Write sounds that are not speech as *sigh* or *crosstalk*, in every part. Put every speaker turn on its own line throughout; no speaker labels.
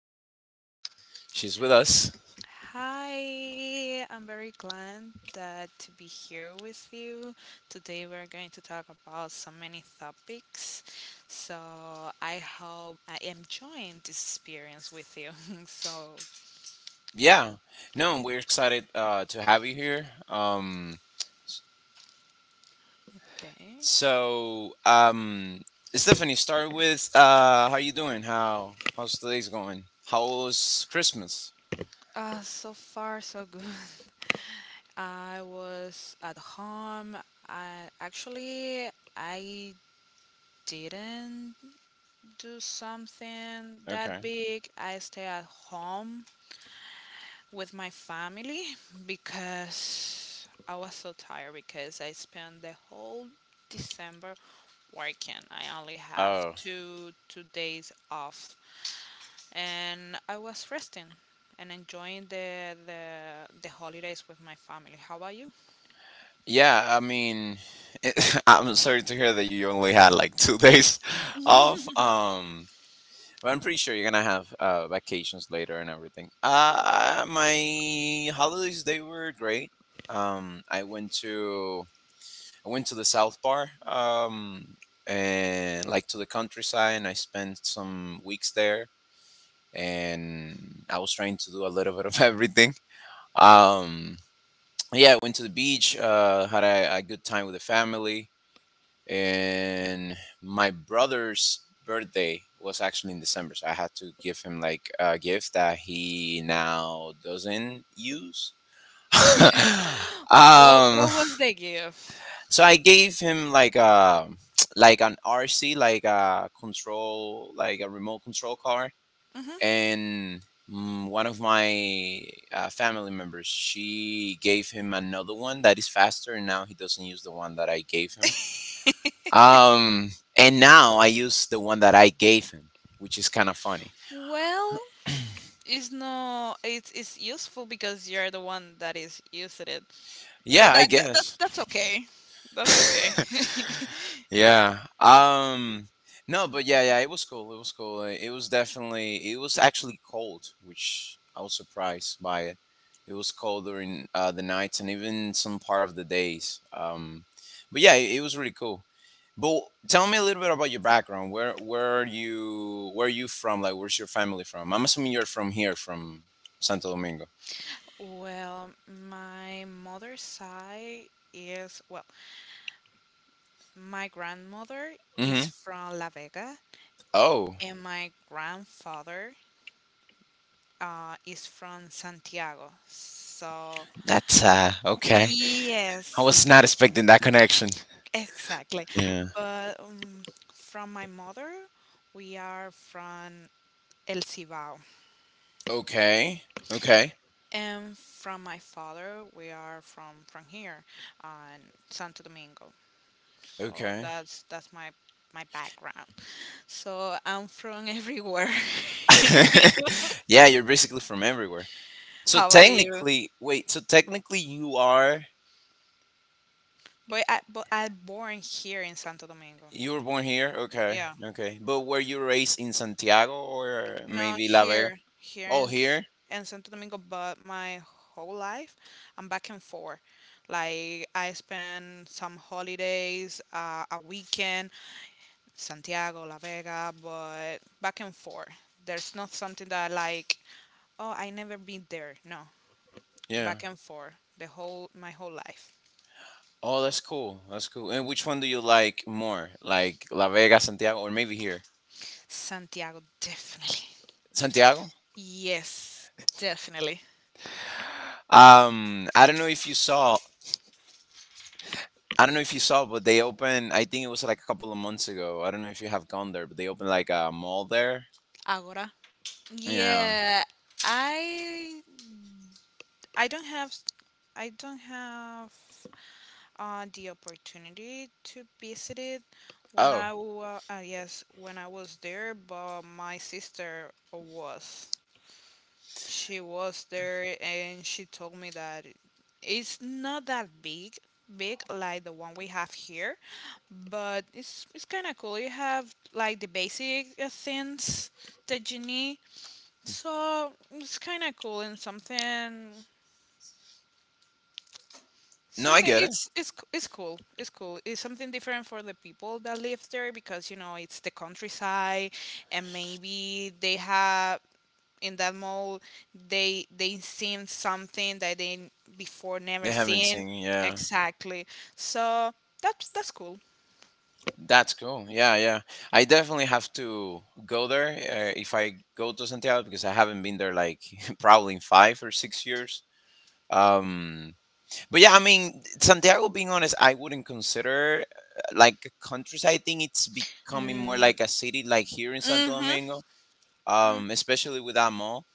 Stephanie. She's with us.
Hi, I'm very glad that to be here with you. Today we're going to talk about so many topics. So I hope I am enjoying this experience with you. *laughs* so
Yeah, no, and we're excited to have you here. S-
okay.
so, um, Stephanie, start with how you doing? How's today's going? How was Christmas?
So far so good. *laughs* I was at home. I actually I didn't do something that
Okay.
big. I stay at home with my family because I was so tired because I spent the whole December working. I only have
Oh,
two days off, and I was resting and enjoying the holidays with my family. How about you?
yeah. I mean, *laughs* I'm sorry to hear that you only had like 2 days *laughs* off. But I'm pretty sure you're gonna have vacations later and everything. My holidays they were great. Um, I went to I went to the South Bar, and like to the countryside, and I spent some weeks there. And I was trying to do a little bit of *laughs* everything. Um, yeah, I went to the beach, had a good time with the family and my brother's birthday was actually in December, so I had to give him like a gift that he now doesn't use. *laughs*
*laughs* what
um,
what was the gift?
so I gave him like a like an RC, like a control, like a remote control car,
hmm
and one of my family members she gave him another one that is faster, and now he doesn't use the one that I gave him and now I use the one that I gave him, which is kind of funny.
Well,
*clears throat*
it's no, it's useful because you're the one that is using it. So
Yeah, I
that, that's
guess.
that's okay. That's okay.
*laughs*
*laughs*
yeah. No, but yeah, it was cool. It was cool. It was actually cold, which I was surprised by it. It was cold during the nights and even some part of the days. But yeah, it was really cool. But tell me a little bit about your background. Where are you from? Like where's your family from? I'm assuming you're from here, from Santo Domingo.
surprised. Well, my mother's side is, well, my grandmother
Mm-hmm.
is from La Vega
Oh.
and my grandfather is from Santiago. So,
That's okay. I
yes,
was not expecting that connection.
exactly.
Yeah.
But from my mother, we are from El Cibao.
Okay. Okay.
And from my father, we are from here, on Santo Domingo. So
Okay.
that's my background. So I'm from everywhere.
*laughs* yeah, you're basically from everywhere.
*laughs*
So
How about you?
technically wait, so technically
But I born here in Santo Domingo.
you were born here? Okay.
Yeah.
Okay. But were you raised in Santiago or
No,
maybe La Vega?
here
Oh
in S-
here?
in Santo Domingo, but my whole life I'm back and forth. Like I spend some holidays, a weekend, Santiago, La Vega, but back and forth. There's not something that I like, oh, I never been there. No, yeah,
Yeah.
back and forth the whole my whole life.
Oh, that's cool. That's cool. And which one do you like more? Like La Vega, Santiago, or maybe here?
Santiago definitely.
Santiago?
Yes, definitely.
Um, I don't know if you saw, I don't know if you saw, but they opened, I think it was like a couple of months ago. I don't know if you have gone there, but they opened like a mall there.
Agora.
Yeah.
Yeah, I I don't have I don't have the opportunity to visit it when
Oh,
yes when I was there, but my sister was. She was there and she told me that it's not that big, big like the one we have here, but it's kind of cool. You have like the basic things that you need, so it's kind of cool and something.
no, I get it.
It's cool. It's cool. It's something different for the people that live there because you know it's the countryside, and maybe they have in that mode they seen something that they n- before never
They haven't
seen,
seen, yeah.
exactly. So that's cool.
That's cool. Yeah, yeah. I definitely have to go there if I go to Santiago because I haven't been there like *laughs* probably in 5 or 6 years. Um, but yeah, I mean, Santiago, being honest, I wouldn't consider like a countryside. I think it's becoming
mm,
more like a city, like here in Santo
mm-hmm
Domingo,
mm.
especially with that mall.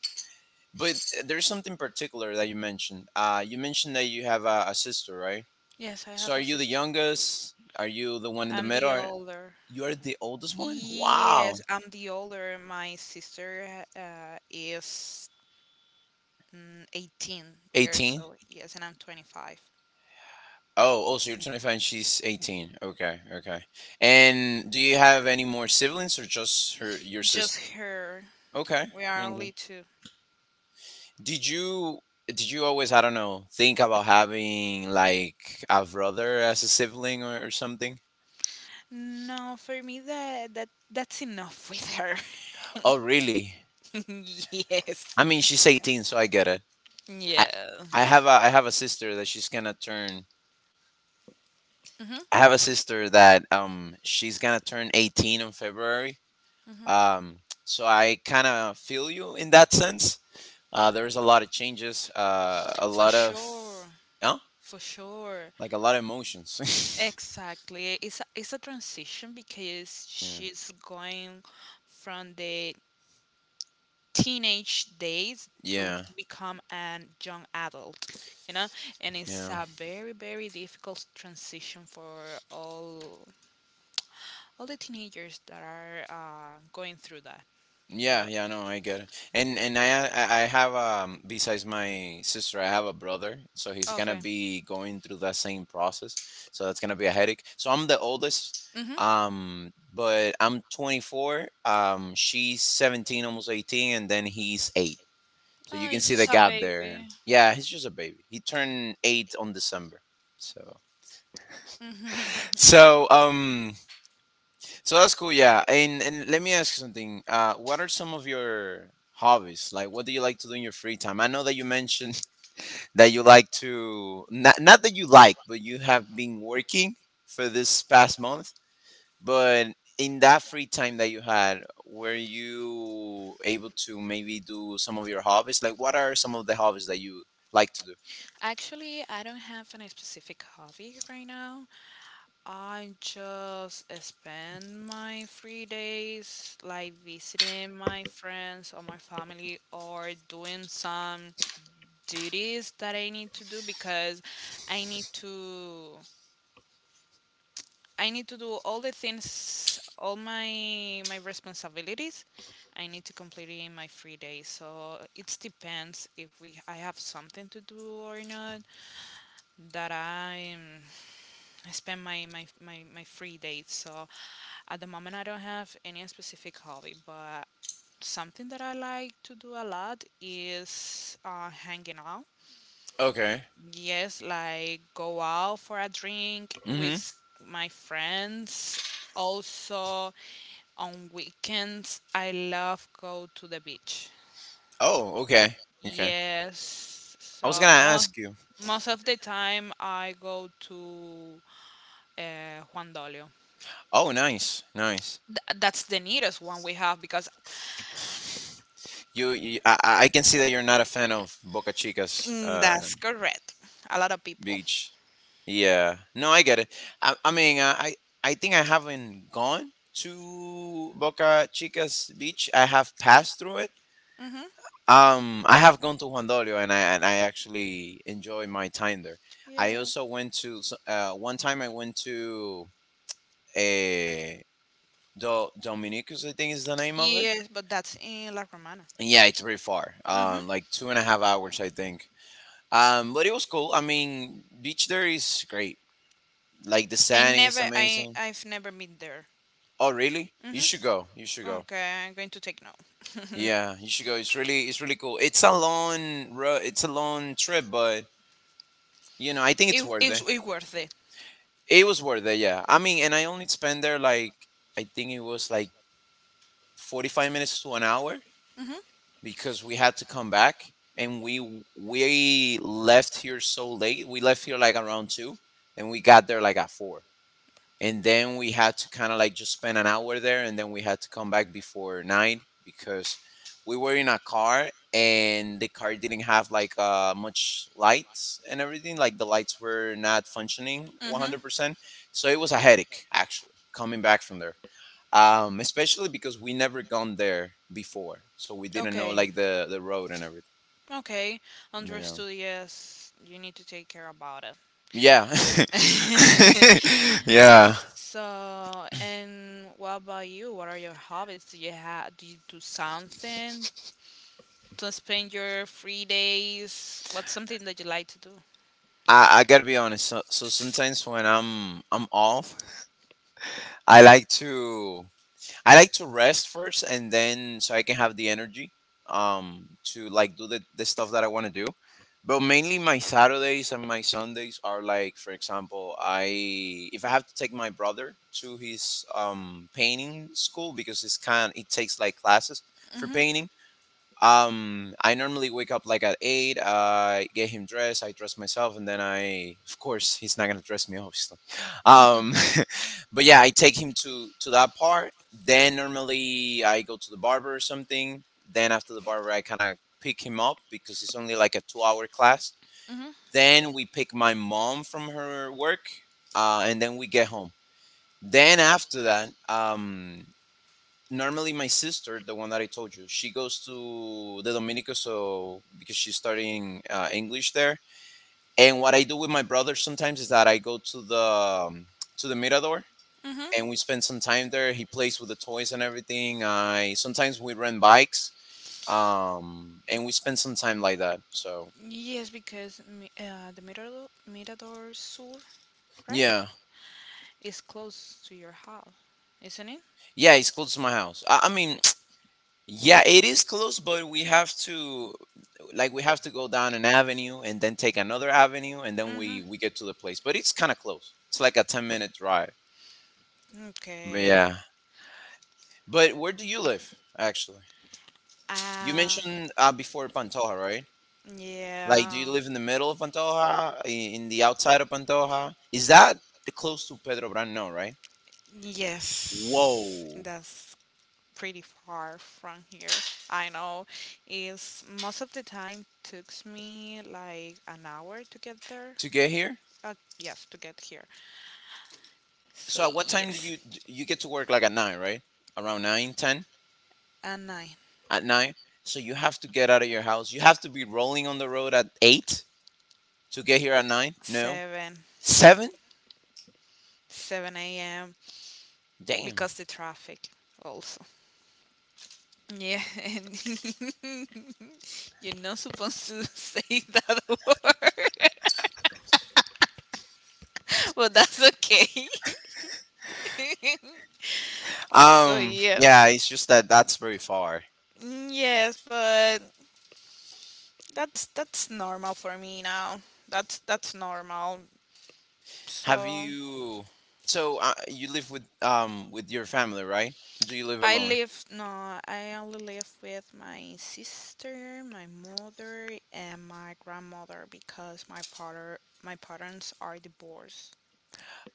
But there's something particular that you mentioned. You mentioned that you have a sister, right?
Yes, I
So
have
are
a
you the
sister.
youngest? Are you the one in the
I'm the
middle?
older.
You're the oldest one?
Yes,
Wow.
I'm the older. My sister is 18 years
18?
old, yes, and I'm 25.
Oh, oh, so you're 25 and she's 18. Okay, okay. And do you have any more siblings or just
You
her your
Just
sister?
her.
Okay.
We are only
Okay.
two.
Did you did you always, I don't know, think about having like a brother as a sibling or something?
No, for me that that's enough with her.
Oh, really?
*laughs* Yes.
I mean, she's 18, so I get it. I
Yeah.
I have a sister that she's gonna turn
hmm
I have a sister that she's gonna turn 18 in February. Um, so I kind of feel you in that sense. There's a lot of changes,
For sure.
yeah,
For sure.
like a lot of emotions.
Exactly. It's a transition because
*laughs* yeah.
she's going from the teenage days to, yeah,
Yeah,
become a young adult, you know? And it's
yeah,
a very, very difficult transition for all the teenagers that are going through that.
yeah,
But
yeah. No, I get it. And I have besides my sister, I have a brother, so he's gonna be going through that same process. So that's gonna be a headache. So I'm the oldest,
hmm
but I'm 24. She's 17, almost 18, and then he's eight. So you
oh,
can
it's
see the
just a
gap
baby.
there. Yeah, he's just a baby. He turned eight on December. So
*laughs*
so um so that's cool, yeah. And let me ask you something. What are some of your hobbies? Like what do you like to do in your free time? I know that you mentioned *laughs* that you like to not that you like, but you have been working for this past month. But in that free time that you had, were you able to maybe do some of your hobbies? Like what are some of the hobbies that you like to do?
Actually, I don't have any specific hobby right now. I just spend my free days like visiting my friends or my family or doing some duties that I need to do because I need to I need to do all the things, all my responsibilities. I need to complete it in my free day. So it depends if we I have something to do or not that I spend my free days. So at the moment I don't have any specific hobby, but something that I like to do a lot is hanging out.
Okay.
Yes, like go out for a drink
Mm-hmm.
with my friends. Also, on weekends, I love go to the beach.
Oh, okay. Okay.
Yes,
I was
so
gonna ask you.
most of the time I go to Juan Dolio.
Oh, nice, nice.
That's the nearest one we have because
You I can see that you're not a fan of Boca Chica's
that's correct. A lot of people.
beach. Yeah. No, I get it. I, I mean, I, I I think I haven't gone to Boca Chica's beach. I have passed through it.
hmm
I have gone to Juan Dolio, and I actually enjoy my time there. I
Yeah.
also went to one time. I went to eh, Dominicus, I think is the name of it.
Yes, but that's in La Romana.
And yeah, it's pretty far.
hmm
Like 2.5 hours, I think. But it was cool. I mean, beach there is great. Like the
I
sand is
never,
amazing.
I've never been there.
Oh, really?
hmm
You should go. You should go.
Okay, I'm going to take note.
Yeah, you should go. It's really cool. It's a it's a long trip, but you know, I think it's worth it.
It's worth it.
It was worth it. Yeah. I mean, and I only spent there like I think it was like 45 minutes to an hour,
hmm hmm
because we had to come back and we left here so late. We left here like around 2 and we got there like at 4. And then we had to kind of like just spend an hour there and then we had to come back before 9 because we were in a car and the car didn't have like much lights and everything, like the lights were not functioning 100%. So it was a headache actually coming back from there, especially because we never gone there before so we didn't know
Okay.
like the road and
Okay,
everything,
understood. Yes, you need to take care about it.
yeah, yeah, *laughs* yeah.
*laughs* So, and what about you? What are your hobbies? Do you have? Do you do something to spend your free days? What's something that you like to do?
I gotta be honest, so, sometimes when I'm off i like to I like to rest first and then so I can have the energy to like do the stuff that I want to do. But mainly my Saturdays and my Sundays are like for example, I if I have to take my brother to his painting school because it's kind it takes like classes for
Mhm.
painting, I normally wake up like at eight. I get him dressed. I dress myself, and then I, of course, he's not gonna dress me, obviously. Um, *laughs* but yeah, I take him to that part. Then normally I go to the barber or something. Then after the barber, I kind of pick him up because it's only like a 2 hour class.
Mhm.
Then we pick my mom from her work, and then we get home. Then after that, normally my sister the one that I told you she goes to the Dominica so because she's studying English there and what I do with my brother sometimes is that I go to the Mirador
Mhm.
and we spend some time there, he plays with the toys and everything, I sometimes we rent bikes and we spend some time like that, so
Yes, because the Mirador, Mirador Sur, right?
yeah,
Is close to your house, isn't it?
yeah, it's close to my house, I mean, yeah, it is close, but we have to we have to go down an avenue and then take another avenue and then we get to the place. But it's kind of close. It's like a 10-minute drive. But
Okay.
yeah. But where do you live actually? You
Yeah.
mentioned before Pantoja, right?
Like, do
Like do
yeah.
you live in the middle of Pantoja, in the outside of Pantoja? Is that the close to Pedro Brand? No, right?
Whoa. Yes.
Whoa.
That's pretty far from here. I know. It's most of the time takes me like an hour to get there.
To get here?
Uh, yes, to get here. So
So at what time do you get to work like at 9, right? Around nine, ten.
at nine,
At nine. So you have to get out of your house. You have to be rolling on the road at eight to get here at nine. No,
seven,
seven.
seven a.m.
Damn.
because the traffic also. Yeah, and *laughs* you're not supposed to say that *laughs* word, but that's okay. *laughs* so yes.
Yeah. It's just that that's very far.
Yes, but that's normal for me now. That's normal.
Have
So
you? So you live with your family, right? Do you live
I
alone?
live no, I only live with my sister, my mother, and my grandmother because my parents are divorced.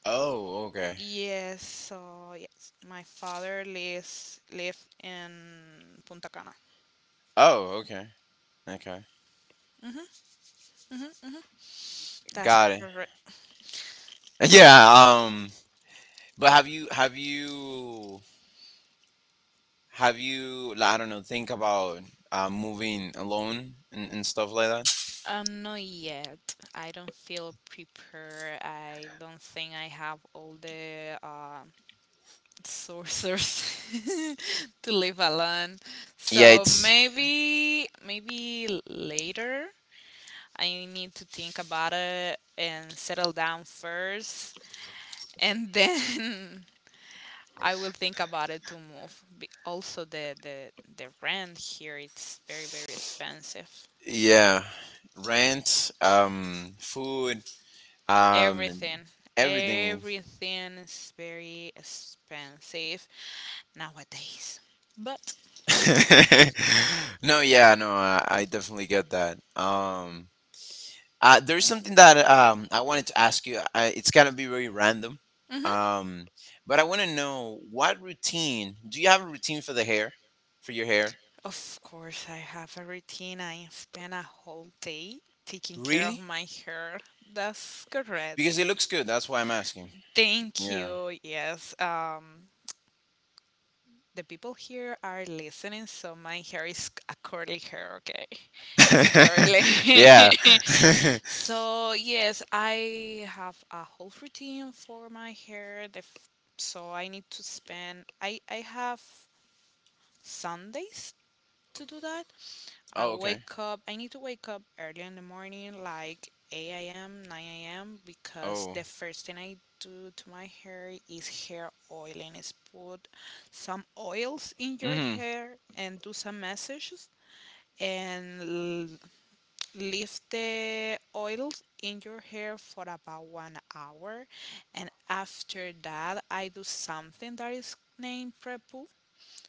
Oh. Okay.
Yes, so yes, my father lives live in Punta Cana.
Oh. Okay. Okay.
hmm That's
Got it.
correct.
*laughs* Yeah. But have you? Have you? Have you? Like, I don't know, think about moving alone and stuff like that.
Not yet. I don't feel prepared. I don't think I have all the sorcerers *laughs* to live alone.
Yeah.
So
It's
maybe maybe later I need to think about it and settle down first and then *laughs* I will think about it to move. Also the rent here it's very very expensive.
yeah, rent, food, um,
Everything
everything.
everything is very expensive nowadays. But
*laughs* no, yeah, no, I definitely get that. There's something that I wanted to ask you. It's gonna be very random,
mm-hmm.
um, but I want to know what routine do you have a routine for the hair, for your hair?
Of course, I have a routine. I spend a whole day taking care of
Really?
my hair. That's
Because
correct.
it looks good. That's why I'm asking.
Thank
Yeah.
you. Yes. The people here are listening, so my hair is a curly hair. Okay, it's curly.
*laughs* Yeah. *laughs*
*laughs* so yes, I have a whole routine for my hair. The f- so I need to spend. I have Sundays to do that. I
Oh, okay.
wake up, I need to wake up early in the morning, like 8 a.m., 9 a.m., because
Oh.
the first thing I do to my hair is hair oiling. Is put some oils in your
Mm-hmm.
hair and do some massages and l- leave the oils in your hair for about 1 hour. And after that, I do something that is named prepu,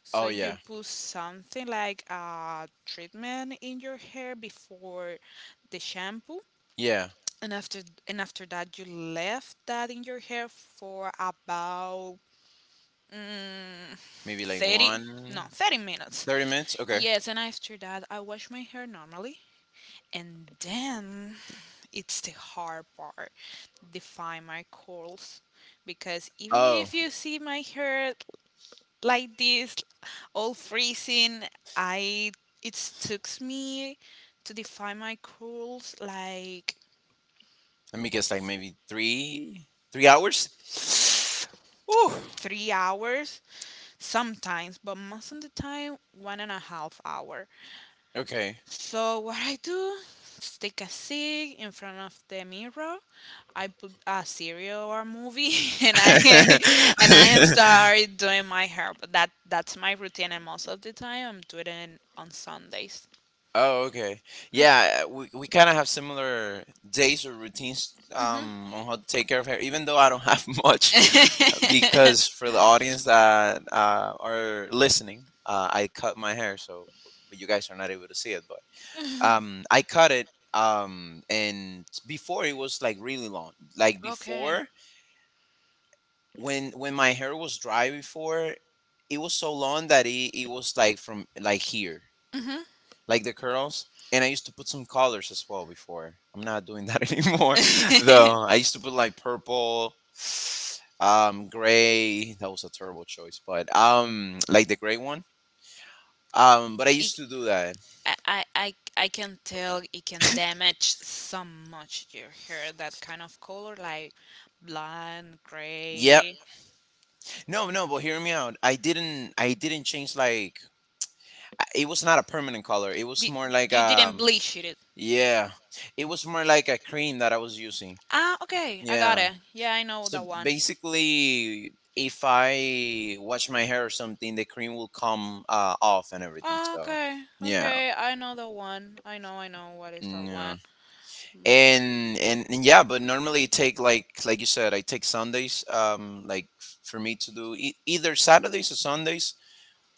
so
Oh
you
yeah.
put something like a treatment in your hair before the shampoo,
Yeah.
and after and after that you left that in your hair for about
Maybe like
30 no
one
30 minutes.
30 minutes? Okay.
Yes, and after that I wash my hair normally. And then it's the hard part, define my curls. Because even
Oh.
if you see my hair like this, all freezing. I it took me to define my curls like
Let me guess like maybe three hours? *sighs* Woo.
3 hours sometimes, but most of the time 1.5 hours.
Okay.
So what I do is take a seat in front of the mirror. I put a serial or a movie, *laughs* and I *laughs* and I
*laughs*
start doing my hair. But that's my routine, and most of the time I'm doing it on Sundays.
Oh, okay. Yeah, we kind of have similar days or routines,
Mhm.
on how to take care of hair, even though I don't have *laughs* much, because for the audience that are listening, I cut my hair, so but you guys are not able to see it, but I cut it, and before it was like really long. Like
*laughs* okay.
before, when my hair was dry before, it was so long that it was like from like here like the curls. And I used to put some colors as well before. I'm not doing that *laughs* anymore,
*laughs*
though. I used to put like purple, gray. That was a terrible choice, but like the gray one. But I used
It-
to do that.
I can tell it can damage so much your hair. That kind of color, like blonde,
Yep.
gray.
No, no. But hear me out. I didn't change. Like it was not a permanent color. It was
Di-
more like
you didn't
um.
bleach it.
Yeah, it was more like a cream that I was using.
Ah, okay, I got
Yeah.
it. Yeah, I know
So
that one.
basically, if I wash my hair or something, the cream will come off and everything.
Oh,
So
okay.
yeah,
Okay, I know the one. I know what is that
yeah,
one.
and yeah, but normally it take like you said, I take Sundays. Like for me to do either Saturdays or Sundays.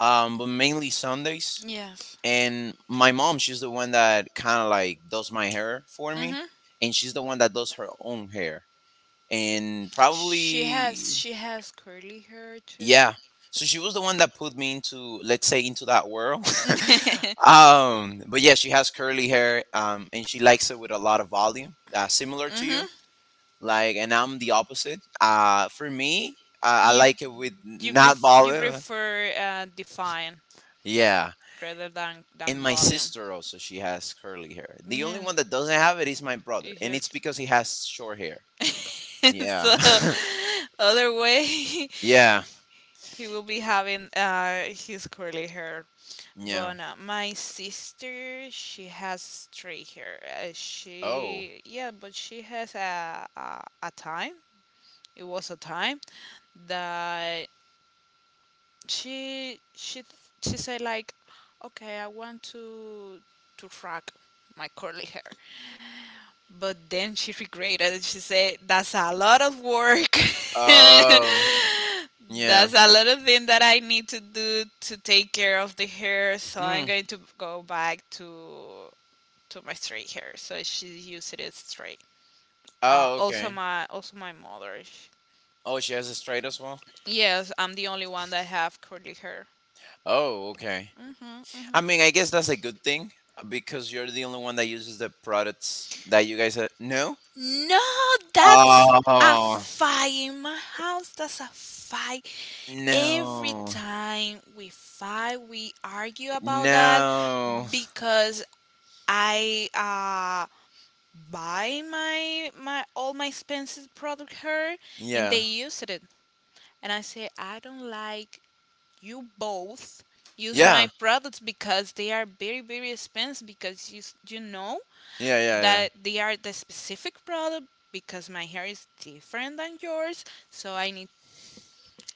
But mainly Sundays.
Yes.
And my mom, she's the one that kind of like does my hair for me,
Mhm.
and she's the one that does her own hair. And probably.
She has curly hair too.
Yeah.
*laughs*
So she was the one that put me into, let's say, into that world.
Mhm.
*laughs* But yeah, she has curly hair, and she likes it with a lot of volume, similar to you. Like, and I'm the opposite. For me, I
You
like it with
you
not
you
volume.
prefer define
Yeah.
rather than
And my
volume.
sister also, she has curly hair. The only
Yeah.
one that doesn't have it is my brother, and
Easier
it's
to
because he has short hair.
*laughs*
Yeah.
so other way
*laughs*
*laughs*
Yeah.
he will be having his curly hair. But
Yeah.
no, my sister she has straight hair,
Oh.
she yeah but she has a time. It was a time that she she she said like, okay, I want to rock my curly hair. But then she regretted. It. She said, "That's a lot of work. *laughs*
Oh. Yeah.
That's a lot of thing that I need to do to take care of the hair. So I'm
Mm.
going to go back to my straight hair." So she used it straight.
Oh, okay.
Also my mother.
Oh, she has a straight as well.
Yes, I'm the only one that have curly hair.
Oh, okay. I
hmm
mean, I guess that's a good thing, because you're the only one that uses the products that you guys. Are. No.
No, that a
Oh
fight in my house. That's a fight. Every
no,
time we fight, we argue about that
no.
because I buy my my all my expensive product here, and they
Yeah,
use it. And I say I don't like you both use my
yeah,
products because they are very very expensive because you know
yeah, yeah, yeah.
that they are the specific product because my hair is different than yours, so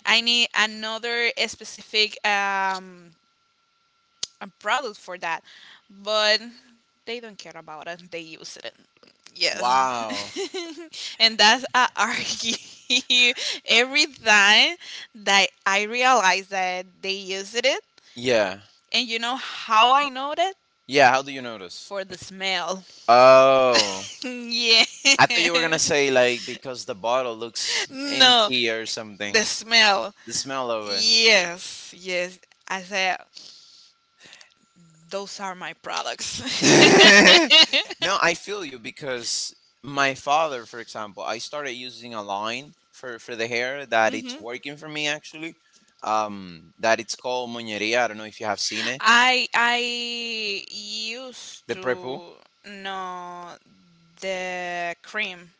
I need another specific a product for that, but they don't care about it. They use it. Yes,
Wow.
*laughs* and that's I argue *laughs* every time that I realize that they used it.
Yeah,
And you know how I know that?
yeah. How do you notice?
For the smell.
Oh,
*laughs* yeah.
I thought you were gonna say like because the bottle looks
no,
empty or
the
something.
smell.
The smell of it.
Yes, yes. I said, those are my products.
*laughs*
*laughs*
No, I feel you because my father, for example, I started using a line for the hair that it's
Mhm.
working for me actually. That it's called moñería. I don't know if you have seen it.
I used
The prepu.
to know the cream.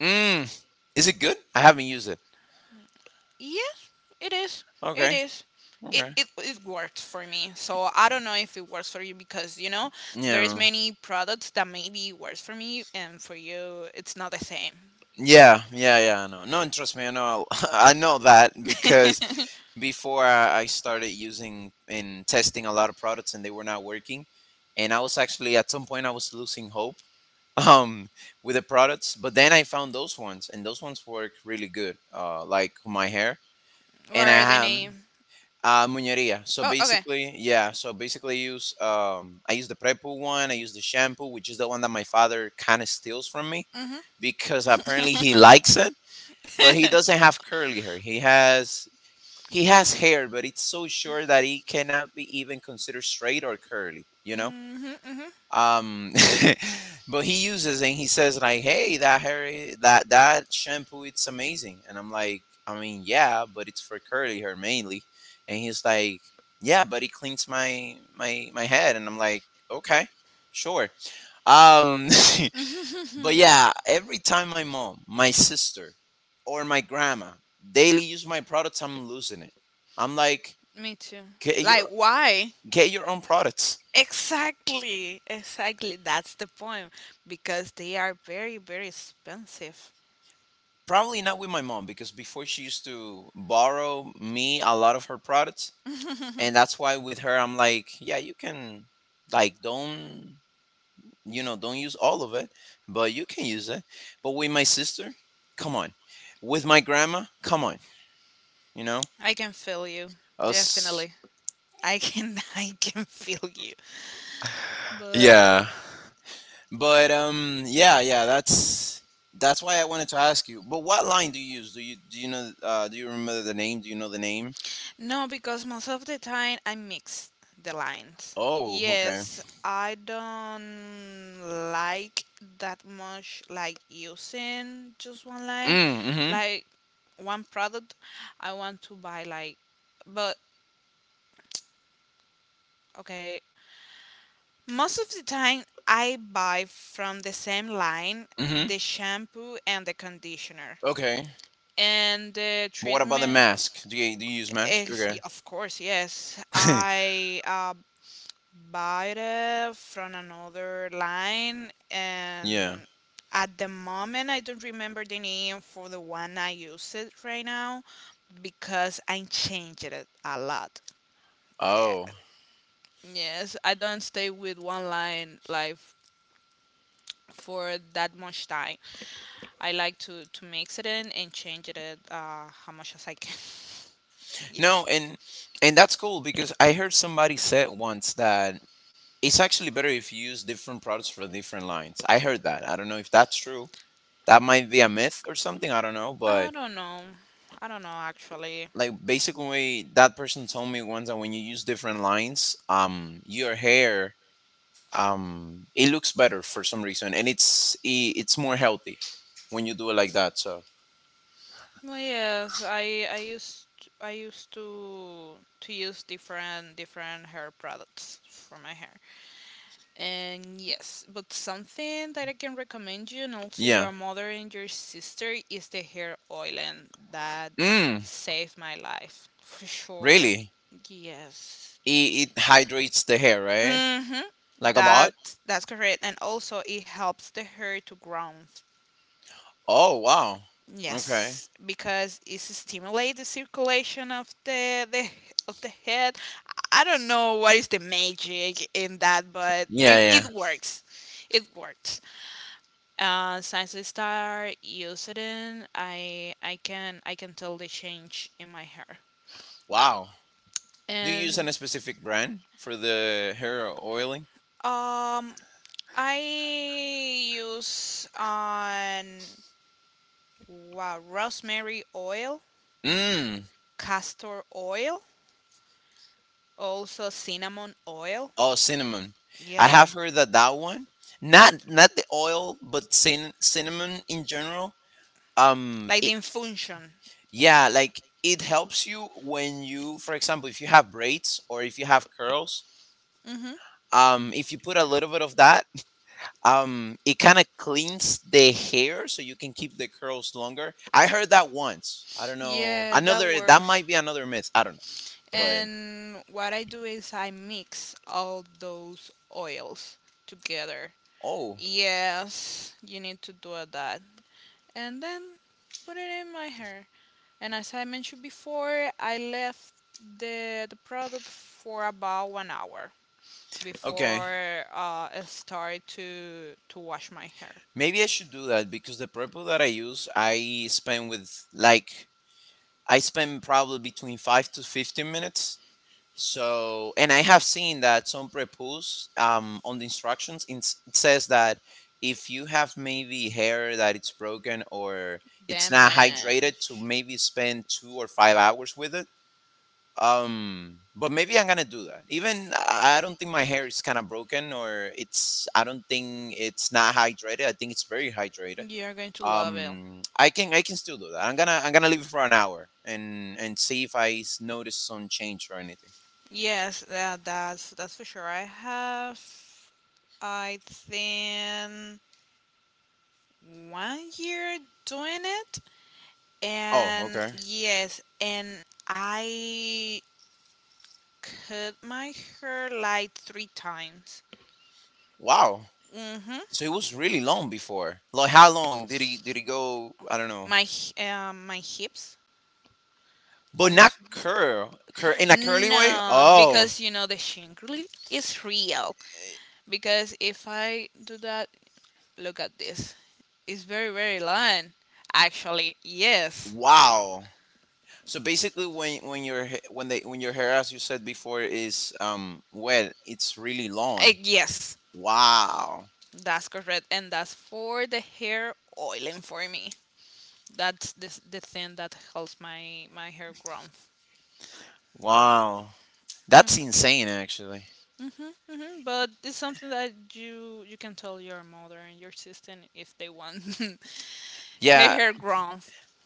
Mm, is it good? I haven't used it.
Yes, it is. It
Okay.
is.
Okay.
It works for me, so I don't know if it works for you because you know there's
Yeah.
many products that maybe works for me and for you it's not the same.
Yeah. Yeah. Yeah. No. No. And trust me, I know. *laughs* I know that because
*laughs*
before I started using and testing a lot of products and they were not working, and I was actually at some point I was losing hope um with the products, but then I found those ones and those ones work really good, like my hair.
What
And I
are the
have,
name?
muñería. So
Oh, okay.
basically, yeah, so basically I use, I use the prepo one, I use the shampoo, which is the one that my father kind of steals from me
Mm-hmm. Mm-hmm.
because apparently he likes it. But he doesn't have curly hair, he has hair, but it's so short that he cannot be even considered straight or curly, you know, um, *laughs* but he uses and he says like, "Hey, that hair, that shampoo, it's amazing." And I'm like, "I mean, yeah, but it's for curly hair mainly." And he's like, "Yeah, but it cleans my head." And I'm like, "Okay, sure." Um, *laughs* but yeah, every time my mom,
Mm-hmm.
my
*laughs*
sister, or my grandma daily use my products, I'm losing it. I'm like,
*laughs* Me too.
get
Like,
your
why?
get your own products.
Exactly. Exactly. That's the point. Because they are very, very expensive.
Probably not with my mom because before she used to borrow me a lot of her products, and that's why with her I'm like, yeah, you can, like, don't, don't use all of it, but you can use it. But with my sister, come on. With my grandma, come on. You know
I can feel you.
us.
Definitely. I can *laughs* I can feel you. But
Yeah. But yeah, yeah. That's why I wanted to ask you. But what line do you use? Do you know? Do you remember the name? Do you know the name?
no, because most of the time I mix the lines.
Oh, okay.
Yes, I don't like that much, like using just one line,
Mm.
like one product I want to buy, like, but okay, most of the time I buy from the same line,
Hmm, hmm.
the shampoo and the conditioner
Okay.
and the
But what about the
treatment.
mask? Do you use mask? Okay.
Of course, yes.
*laughs*
I buyer from another line, and
Yeah.
at the moment I don't remember the name for the one I use it right now because I changed it a lot.
Oh.
Yeah. Yes, I don't stay with one line like for that much time. I like to mix it in and change it how much as I can. *laughs* Yes.
No, and that's cool because I heard somebody said once that it's actually better if you use different products for different lines. I heard that. I don't know if that's true. That might be a myth or something, I don't know,
I
but
don't know. I don't know actually.
like basically that person told me once that when you use different lines, your hair, it looks better for some reason, and it's more healthy when you do it like that. So
No, yes, I used I used to use different hair products for my hair. And yes, but something that I can recommend you, and also
yeah.
your mother and your sister, is the hair oiling that
Mm.
saved my life for sure.
Really?
Yes.
It hydrates the hair, right?
Mhm.
Like a lot.
That that's correct, and also it helps the hair to grow.
Oh wow. Okay.
Yes, because it stimulates the circulation of the of the head. I don't know what is the magic in that, but
Yeah,
it,
yeah.
it works. It works. Since I start using it, I can I can tell the change in my hair.
Wow. Do you
And
use any specific brand for the hair oiling?
um, I use on wow rosemary oil,
Mm.
castor oil, also cinnamon oil.
Oh, cinnamon. I
Yeah,
have heard that that one, not the oil, but cinnamon in general.
like the
It,
infusion.
yeah, like it helps you when you, for example, if you have braids or if you have curls.
Hmm.
If you put a little bit of that, it kind of cleans the hair so you can keep the curls longer. I heard that once. I don't know.
Yeah, that
Another that
works.
might be another myth. I don't know. But
And what I do is I mix all those oils together.
oh,
Yes, you need to do that. And then put it in my hair. And as I mentioned before, I left the product for about 1 hour
okay.
before I started to wash my hair.
Maybe I should do that because the purple that I use, I spend with like I spend probably between 5 to 15 minutes. So, and I have seen that some prepos, on the instructions in, it says that if you have maybe hair that it's broken or it's
Damn
not
it.
hydrated, to maybe spend 2 or 5 hours with it. But maybe I'm gonna do that. Even I don't think my hair is kind of broken or it's. I don't think it's not hydrated. I think it's very hydrated.
You're going to love it.
I can still do that. I'm gonna leave it for an hour, and see if notice some change or anything.
Yes, that's that's for sure. I have, I think, 1 year doing it,
Oh
and
okay.
yes, and I cut my hair like three times.
Wow.
Mhm.
So it was really long before, like how long did he go, I don't know.
My my hips,
But not
almost.
curl in a curly way.
No,
Oh.
because you know the shingly is real,
Eh.
because if I do that, look at this, it's very, very long, actually, yes.
Wow. So basically when your ha- when they when your hair, as you said before, is wet, it's really long.
Yes,
Wow.
that's correct, and that's for the hair oiling for me. That's the thing that helps my my hair growth.
Wow. That's insane actually.
Mhm, mhm. But it's something that you can tell your mother and your sister if they want *laughs* her. Yeah.
Yeah.
Hair grown.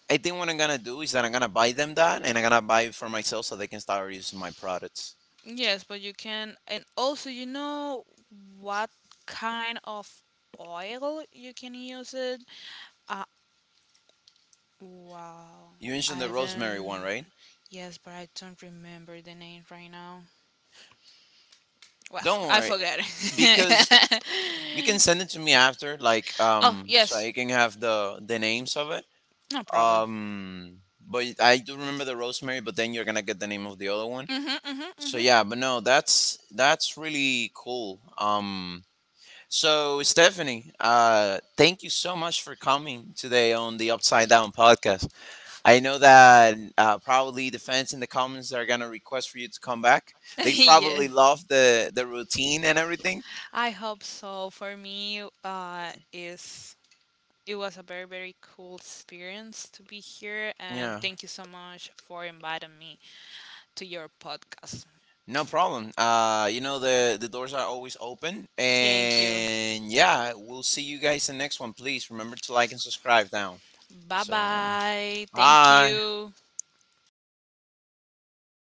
I think what I'm gonna do is that I'm gonna buy them that, and I'm gonna buy it for myself so they can start using my products.
Yes, but you can, and also you know what kind of oil you can use it. Uh, wow,
You mentioned the
I
rosemary
don't.
one, right?
Right? Yes, but I don't remember the name right now. Well, *laughs*
Don't
I worry.
worry,
Forgot.
because you can send it to me after, like,
*laughs* Oh okay.
so
Yes,
I can have the
you can
names of it.
no follow problem up.
But I do remember the rosemary, but then you're gonna get the name of the other one.
Mhm,
So
mhm,
yeah, but no, that's really
*laughs*
cool. So Stephanie, thank you so much for coming today on the Upside Down podcast. I know that, probably the fans in the comments are gonna request for you to come back. They
yeah.
probably love the routine and everything.
I hope so. For me, is it was a very, very cool experience to be here, and
Yeah.
thank you so much for inviting me to your podcast.
No problem. You know the doors are always open,
Thank you.
and yeah, we'll see you guys in the next one. Please remember to like and subscribe down.
Bye
So,
bye. Thank
bye.
you.